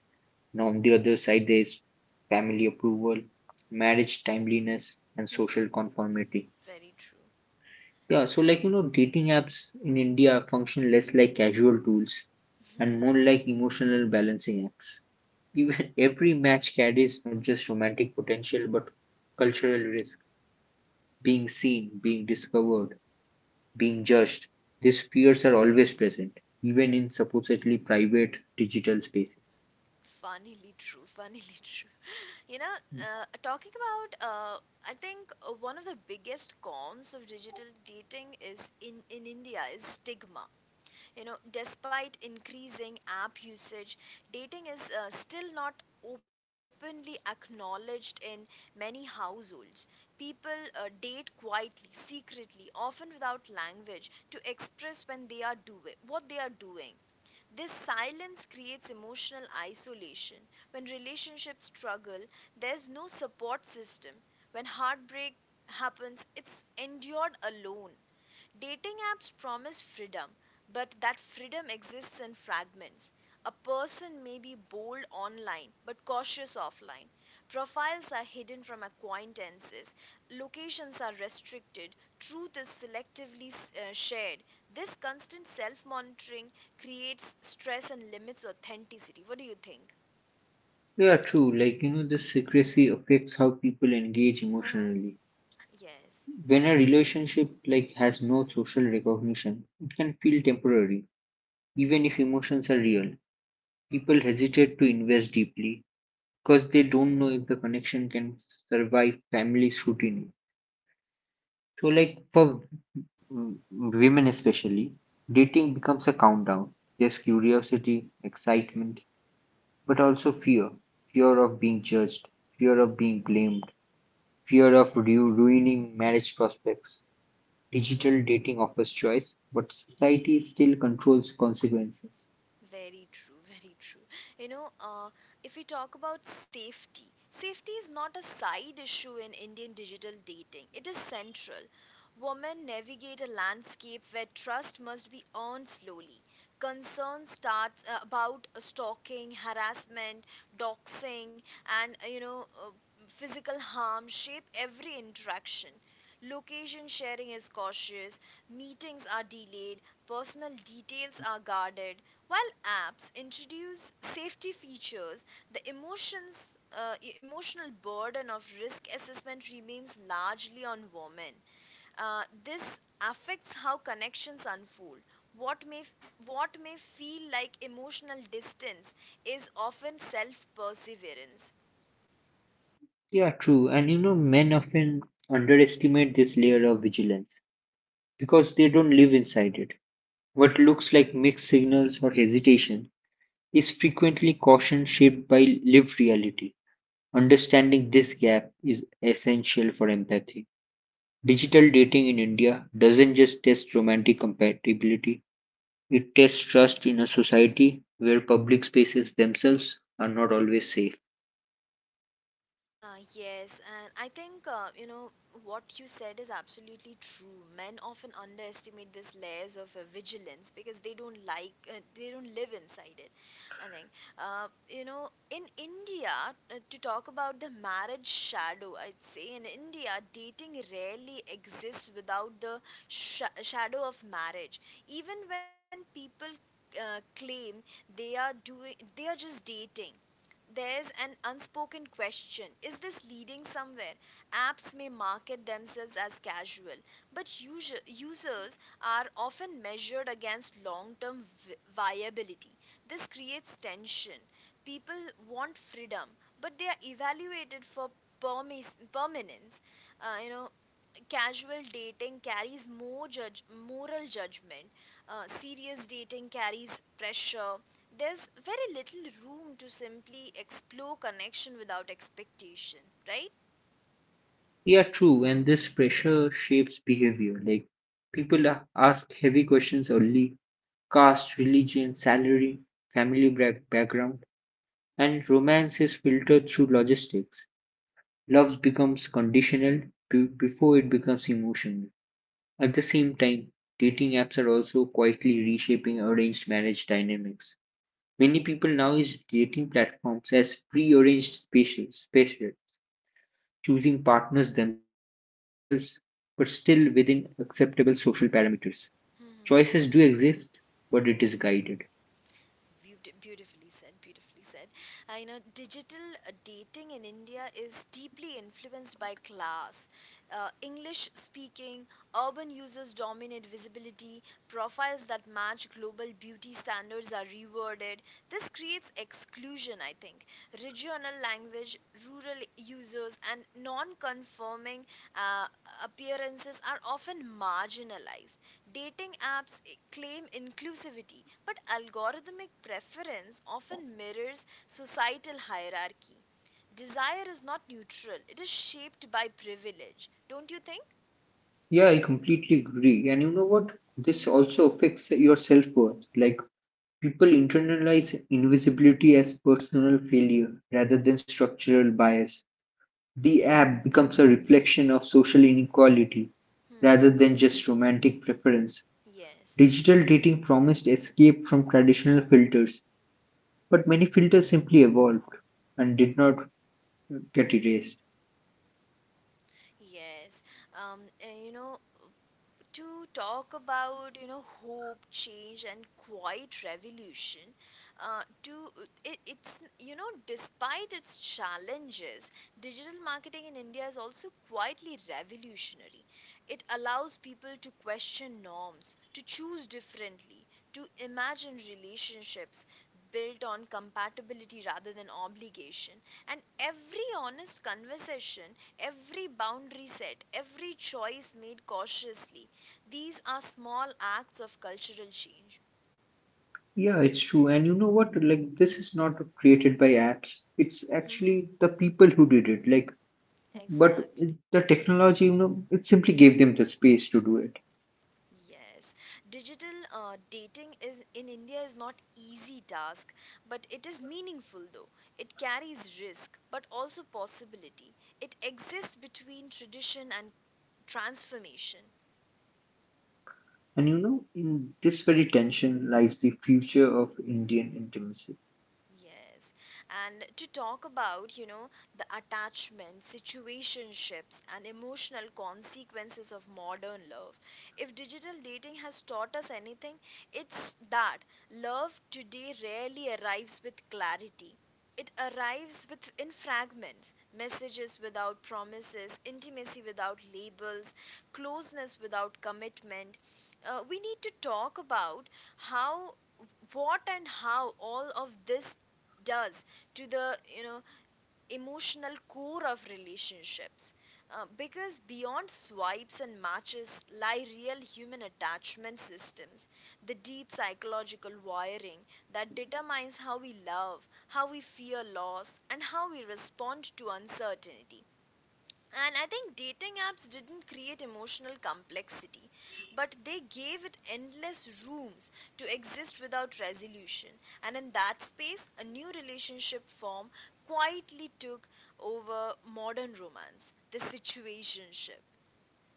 B: Now, on the other side, there's family approval, marriage timeliness, and
A: Mhm.
B: social conformity.
A: Very true.
B: Yeah, so like you know, dating apps in India function less like casual tools and more like emotional balancing acts. Even every match carries not just romantic potential but cultural risk, being seen, being discovered, being judged, these fears are always present, even in supposedly private digital spaces.
A: Funnily true, funnily true. You know, talking about, I think one of the biggest cons of digital dating is in India is stigma. You know, despite increasing app usage, dating is still not openly acknowledged in many households. People date quietly, secretly, often without language to express when they are doing what they are doing. This silence creates emotional isolation. When relationships struggle, there's no support system. When heartbreak happens, it's endured alone. Dating apps promise freedom, but that freedom exists in fragments. A person may be bold online but cautious offline. Profiles are hidden from acquaintances. Locations are restricted. Truth is selectively shared. This constant self monitoring creates stress and limits authenticity. What do you think?
B: Yeah, true. Like, you know, the secrecy affects how people engage
A: Uh-huh.
B: emotionally.
A: Yes.
B: When a relationship like has no social recognition, it can feel temporary, even if emotions are real. People hesitate to invest deeply because they don't know if the connection can survive family scrutiny. So, like for women especially, dating becomes a countdown. There's curiosity,
A: Mhm.
B: excitement, but also fear, fear of being judged, fear of being blamed, fear of
A: Yes.
B: ruining marriage prospects. Digital dating offers choice, but society still controls consequences.
A: Very true, very true. You know, uh, if we talk about safety, safety is not a side issue in Indian digital dating, it is central. Women navigate a landscape where trust must be earned slowly. Concern starts about stalking, harassment, doxing, and physical harm shape every interaction. Location sharing is cautious, meetings are delayed, personal details are guarded, while apps introduce safety features, the emotional burden of risk assessment remains largely on women. This affects how connections unfold. What may what may feel like emotional distance is often self perseverance.
B: Yeah, true. And you know, men often underestimate this layer of vigilance because they don't live inside it. What looks like mixed signals or hesitation is frequently caution shaped by lived reality. Understanding this gap is essential for empathy. Digital dating in India doesn't just test romantic compatibility, it tests trust in a society where public spaces themselves are not always safe.
A: Yes, and I think what you said is absolutely true. Men often underestimate this layers of vigilance because they don't like they don't live inside it. I think in India, to talk about the marriage shadow. I'd say in India dating rarely exists without the shadow of marriage. Even when people claim they are just dating, there's an unspoken question, is this leading somewhere? Apps may market themselves as casual, but users are often measured against long-term viability. This creates tension. People want freedom, but they are evaluated for permanence. uh, you know casual dating carries more judge moral judgment. Serious dating carries pressure. There's very little room to simply explore connection without expectation, right?
B: Yeah, true, and this pressure shapes behavior. Like people ask heavy questions only: caste, religion, salary, background, and romance is filtered through logistics. Love becomes conditional before it becomes emotional. At the same time, dating apps are also quietly reshaping arranged marriage dynamics. Many people now use dating platforms as pre-arranged spaces, choosing partners themselves, but still within acceptable social parameters. Choices do
A: Hmm.
B: exist, but it is guided.
A: Beautifully said, beautifully said. You know, digital dating in India is deeply influenced by class. English speaking, urban users dominate visibility, profiles that match global beauty standards are rewarded. This creates exclusion, I think. Regional language, rural users, and non conforming uh, appearances are often marginalized. Dating apps claim inclusivity, but algorithmic preference often mirrors societal hierarchy. Desire is not neutral, it is shaped by privilege, don't you think?
B: Yeah, I completely agree. And you know what? This
A: Hmm.
B: also affects your self worth. Like people internalize invisibility as personal failure rather than structural bias. The app becomes a reflection of social inequality
A: Hmm.
B: rather than just romantic preference.
A: Yes,
B: Digital dating promised escape from traditional filters, but many filters simply evolved and did not get erased.
A: yes. You know, to talk about hope, change and quiet revolution. Uh, to it, it's you know, despite its challenges, digital marketing in india is also quietly revolutionary. It allows people to question norms, to choose differently, to imagine relationships built on compatibility rather than obligation. And every honest conversation, every boundary set, every choice made cautiously, these are small acts of cultural change.
B: Yeah, it's true. And you know what? Like, this is not created by apps. It's
A: Hmm.
B: actually the people who did it. Like, but
A: Exactly.
B: the technology, you know, it simply gave them the space to do it.
A: Yes. Digital dating is in India is not easy task, but it is meaningful though. It carries risk, but also possibility. It exists between tradition and transformation.
B: And you know, in this very tension lies the future of Indian intimacy.
A: Yes. And to talk about, you know, the attachment, situationships, and emotional consequences of modern love. If digital dating has taught us anything, it's that love today rarely arrives with clarity. It arrives with in fragments, messages without promises, intimacy without labels, closeness without commitment. We need to talk about how what and how all of this does to the you know emotional core of relationships. Because beyond swipes and matches lie real human attachment systems, the deep psychological wiring that determines how we love, how we fear loss and how we respond to uncertainty. And I think dating apps didn't create emotional complexity, but they gave it endless rooms to exist without resolution. And in that space, a new relationship form quietly took over modern romance, the situationship.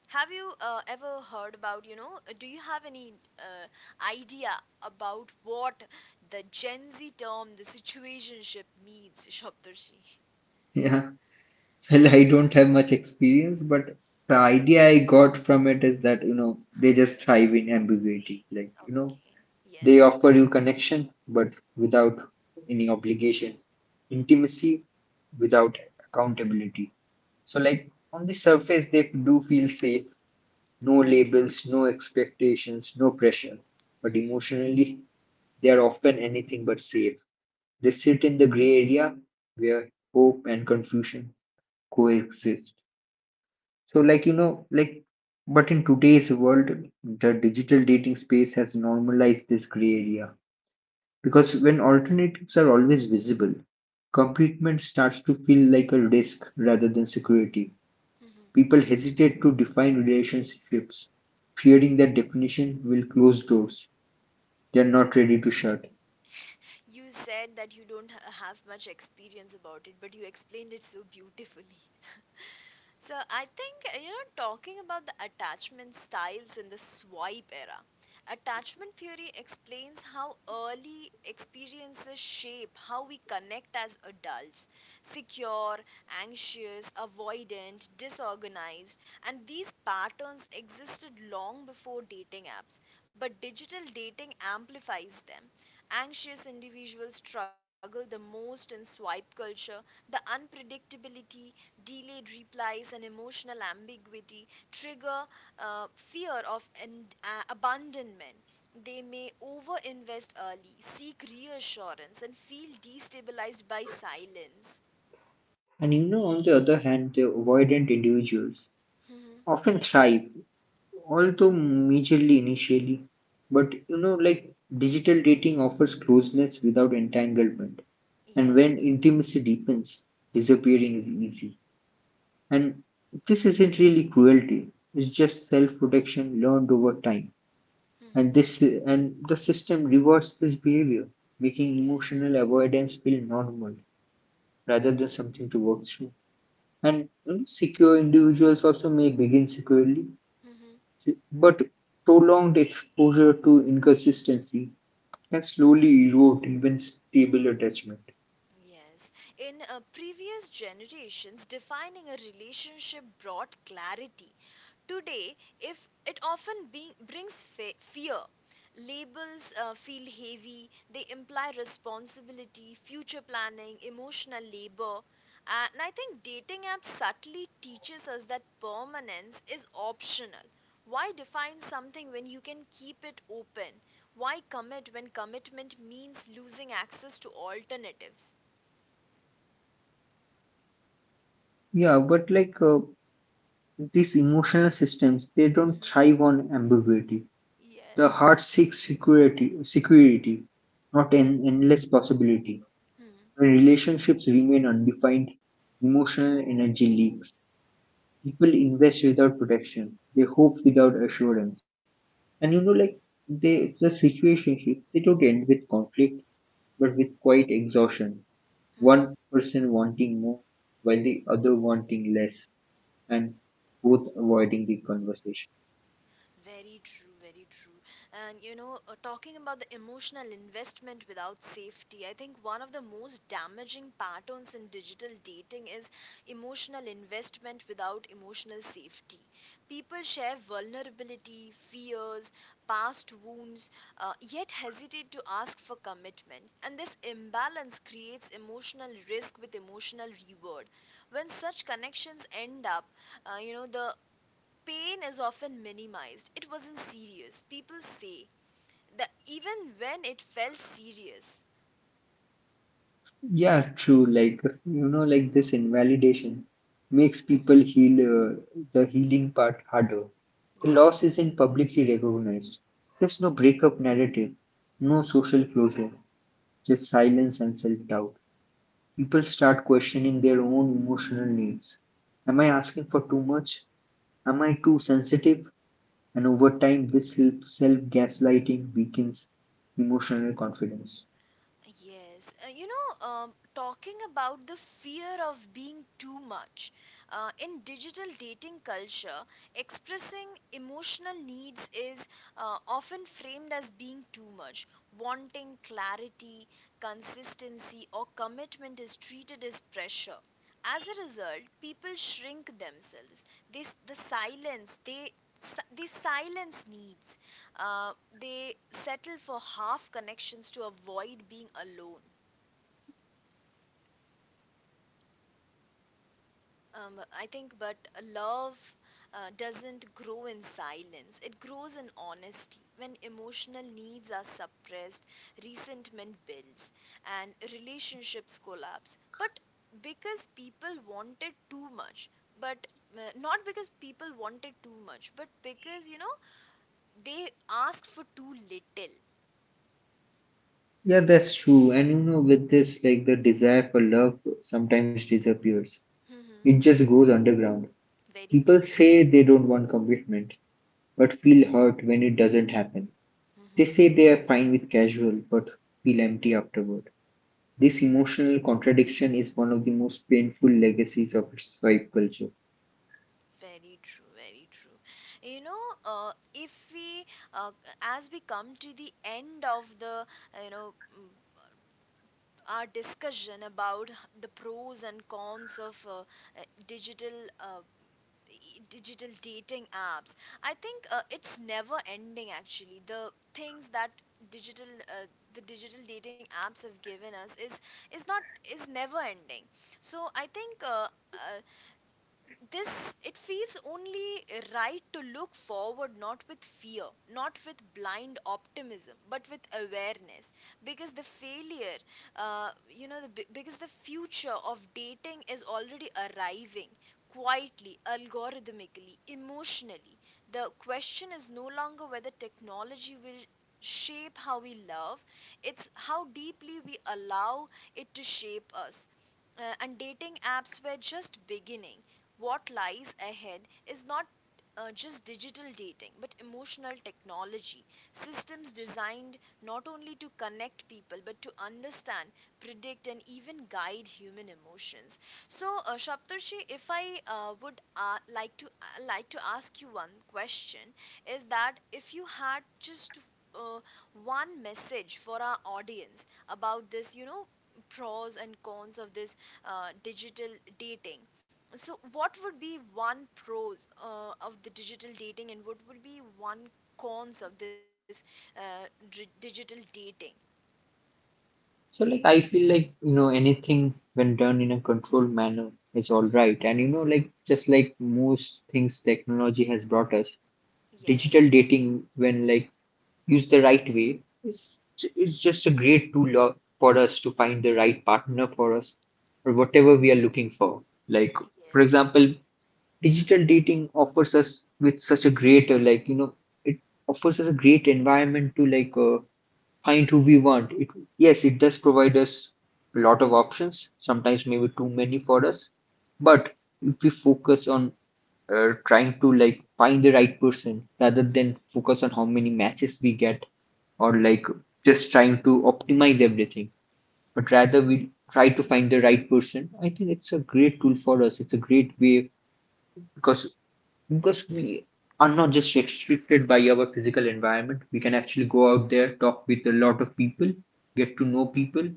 A: Have you ever heard about, you know, do you have any idea about what the Gen Z term, the situationship, means, Shabdarshi?
B: Yeah. Well, I don't have much experience, but the
A: Okay.
B: idea I got from it is that, you know, they just thrive in ambiguity. Like, you know,
A: Okay.
B: they
A: Yes.
B: offer you connection, but without any obligation, intimacy
A: Hmm.
B: without accountability. So, like, on the surface, they do feel safe. No labels, no expectations, no pressure. But
A: Hmm.
B: emotionally, they are often anything but safe. They sit in the gray area where hope and confusion coexist. So, like, you know, like, but in today's world, the digital dating space has normalized this gray area, because when alternatives are always visible, commitment starts to feel like a risk rather than security.
A: Hmm.
B: People hesitate to define relationships, fearing that definition will close doors they are not ready to shut.
A: You said that you don't ha- have much experience about it, but you explained it so beautifully. So I think talking about the attachment styles in the swipe era. Attachment theory explains how early experiences shape how we connect as adults. Secure, anxious, avoidant, disorganized, and these patterns existed long before dating apps, but digital dating amplifies them. Anxious individuals struggle the most in swipe culture. The unpredictability, delayed replies, and emotional ambiguity trigger fear of abandonment. They may overinvest early, seek reassurance, and feel destabilized by silence.
B: And you know, on the other hand, the avoidant individuals
A: Mhm.
B: often thrive, although majorly initially. But you know, like, digital dating offers closeness without entanglement, and when
A: Yes.
B: intimacy deepens, disappearing is easy. And this isn't really cruelty, it's just self protection learned over time.
A: Mhm.
B: And this and the system rewards this behavior, making emotional
A: Yes.
B: avoidance feel normal rather than something to work through. And you know, secure individuals also may begin securely,
A: Mhm.
B: but prolonged exposure to inconsistency can slowly erode even stable attachment.
A: Yes. In previous generations, defining a relationship brought clarity. Today, if it often brings fear, labels feel heavy, they imply responsibility, future planning, emotional labor. And I think dating apps subtly teaches us that permanence is optional. Why define something when you can keep it open? Why commit when commitment means losing access to alternatives?
B: Yeah, but like these emotional systems, they don't
A: Mhm.
B: thrive on ambiguity. The
A: Yes.
B: heart seeks security, not an endless possibility.
A: Hmm.
B: When relationships remain undefined, emotional energy leaks. People invest without protection. They hope without assurance. And you know, like, the situationship, they don't end with conflict, but with quite exhaustion. One
A: Hmm.
B: person wanting more while the other wanting less, and both avoiding the conversation.
A: Very true, very true. And you know, talking about the emotional investment without safety, I think one of the most damaging patterns in digital dating is emotional investment without emotional safety. People share vulnerability, fears, past wounds, yet hesitate to ask for commitment. And this imbalance creates emotional risk with emotional reward. When such connections end up, the pain is often minimized. It wasn't serious, people say, that even when it felt serious.
B: Yeah, true. Like, you know, like, this invalidation makes
A: Mm.
B: people heal the healing part harder. The loss
A: Yes.
B: isn't publicly recognized. There's no breakup narrative, no social closure, just silence and self doubt. People start questioning their own emotional needs. Am I asking for too much? Am I too sensitive? And over time, this self gaslighting weakens emotional confidence.
A: Yes, talking about the fear of being too much. In digital dating culture, expressing emotional needs is often framed as being too much. Wanting clarity, consistency, or commitment is treated as pressure. As a result, people shrink themselves. The silence, they silence needs. Uh, they settle for half connections to avoid being alone. I think, but love doesn't grow in silence, it grows in honesty. When emotional needs are suppressed, resentment builds and relationships collapse. But because people wanted too much, but Not because people wanted too much, but because you know they asked for too little.
B: Yeah, that's true. And you know, with this, like, the desire for love sometimes disappears,
A: Hmm.
B: it just goes underground.
A: Very true.
B: People say they don't want commitment, but feel hurt when it doesn't happen. They
A: Hmm.
B: say they are fine with casual, but feel empty afterward. This emotional contradiction is one of the most painful legacies of its swipe culture.
A: Very true, very true. You know, if we, uh, as we come to the end of the, you know, mm, our discussion about the pros and cons of digital. Digital dating apps, I think it's never ending. Actually the things that digital the digital dating apps have given us is not, is never ending. So I think uh, this it feels only right to look forward, not with fear, not with blind optimism but with awareness, because the failure you know the, b- because the future of dating is already arriving, quietly, algorithmically, emotionally. The question is no longer whether technology will shape how we love, it's how deeply we allow it to shape us. And dating apps were just beginning. What lies ahead is not just digital dating but emotional technology, systems designed not only to connect people but to understand, predict and even guide human emotions. So Shaptarshi, if I would like to ask you one question, is that if you had just uh, one message for our audience about this, you know, pros and cons of this digital dating, so, what would be one pros of the digital dating, and what would be one cons of this digital dating?
B: So, like, I feel like, you know, anything when done in a controlled manner is all
A: Mhm.
B: right. And, you know, like, just like most things technology has brought us, digital
A: Yes.
B: dating, when like used the right way, is, it's just a great tool for us to find the right partner for us, or
A: Mhm.
B: whatever we are looking for. Like, for
A: Yes.
B: example, digital dating offers us with such a great like, you know, it offers us a great environment to find who we want. It, yes, it does provide us a lot of options. Sometimes maybe too many for us, but if we focus on trying to like find the right person rather than focus on how many matches we get, or like just trying to optimize everything, but rather we try to find the right person. I think it's a great tool for us. It's a great way, because we are not just restricted by our physical environment. We can
A: Mhm.
B: actually go out there, talk with a lot of people, get to know people,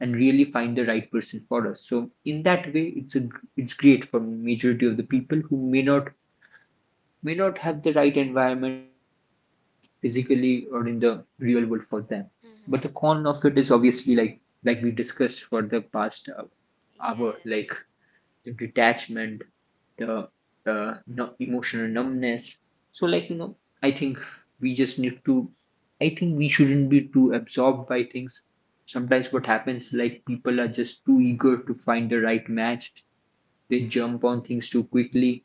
B: and really find the right person for us. So in that way, it's a, it's great for majority of the people who may not have the right environment physically or in the real world for them. But the con
A: Mhm.
B: of it is obviously, like we discussed for the past hour, like
A: Yes.
B: the detachment, the no, emotional numbness. So like,
A: Mhm.
B: you know, I think we just need to. I think we shouldn't be too absorbed by things. Sometimes what happens, like, people are just too eager to find the right match. They jump
A: Mhm.
B: on things too quickly,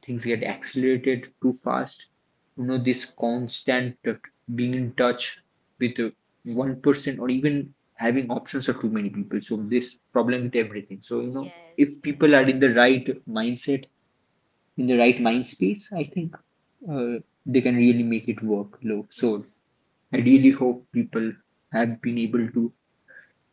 B: things get accelerated too fast. You know, this
A: Yes.
B: constant being in touch with one person, or even having options of too many people, so
A: Uh-huh.
B: this problem with everything. So you know,
A: Yes.
B: if people
A: Yes.
B: are in the right mindset, in the right mind space, I think uh, they can really make it work low. So
A: Mhm.
B: I really hope people have been able to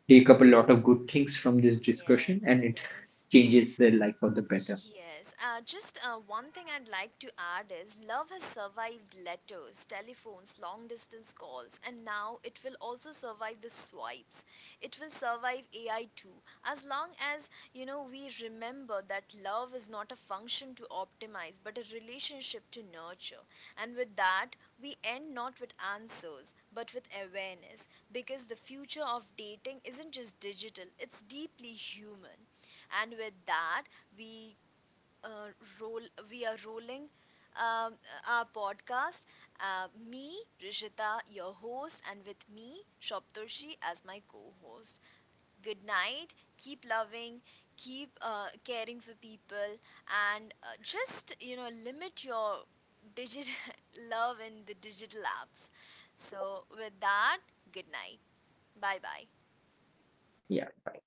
B: take up a lot of good things from this discussion, and
A: Yes.
B: it
A: Yes.
B: changes their life for the better.
A: Yes, just one thing I'd like to add is love has survived letters, telephones, long distance calls, and now it will also survive the swipes. It will survive AI too. As long as, you know, we remember that love is not a function to optimize, but a relationship to nurture. And with that, we end not with answers, but with awareness, because the future of dating isn't just digital, it's deeply human. And with that, we uh, roll we are rolling um, our podcast, me rishita your host and with me shoptoshi as my co-host. Good night, keep loving, keep caring for people, and just you know limit your digital love in the digital apps. So with that, good night, bye bye.
B: Yeah, bye.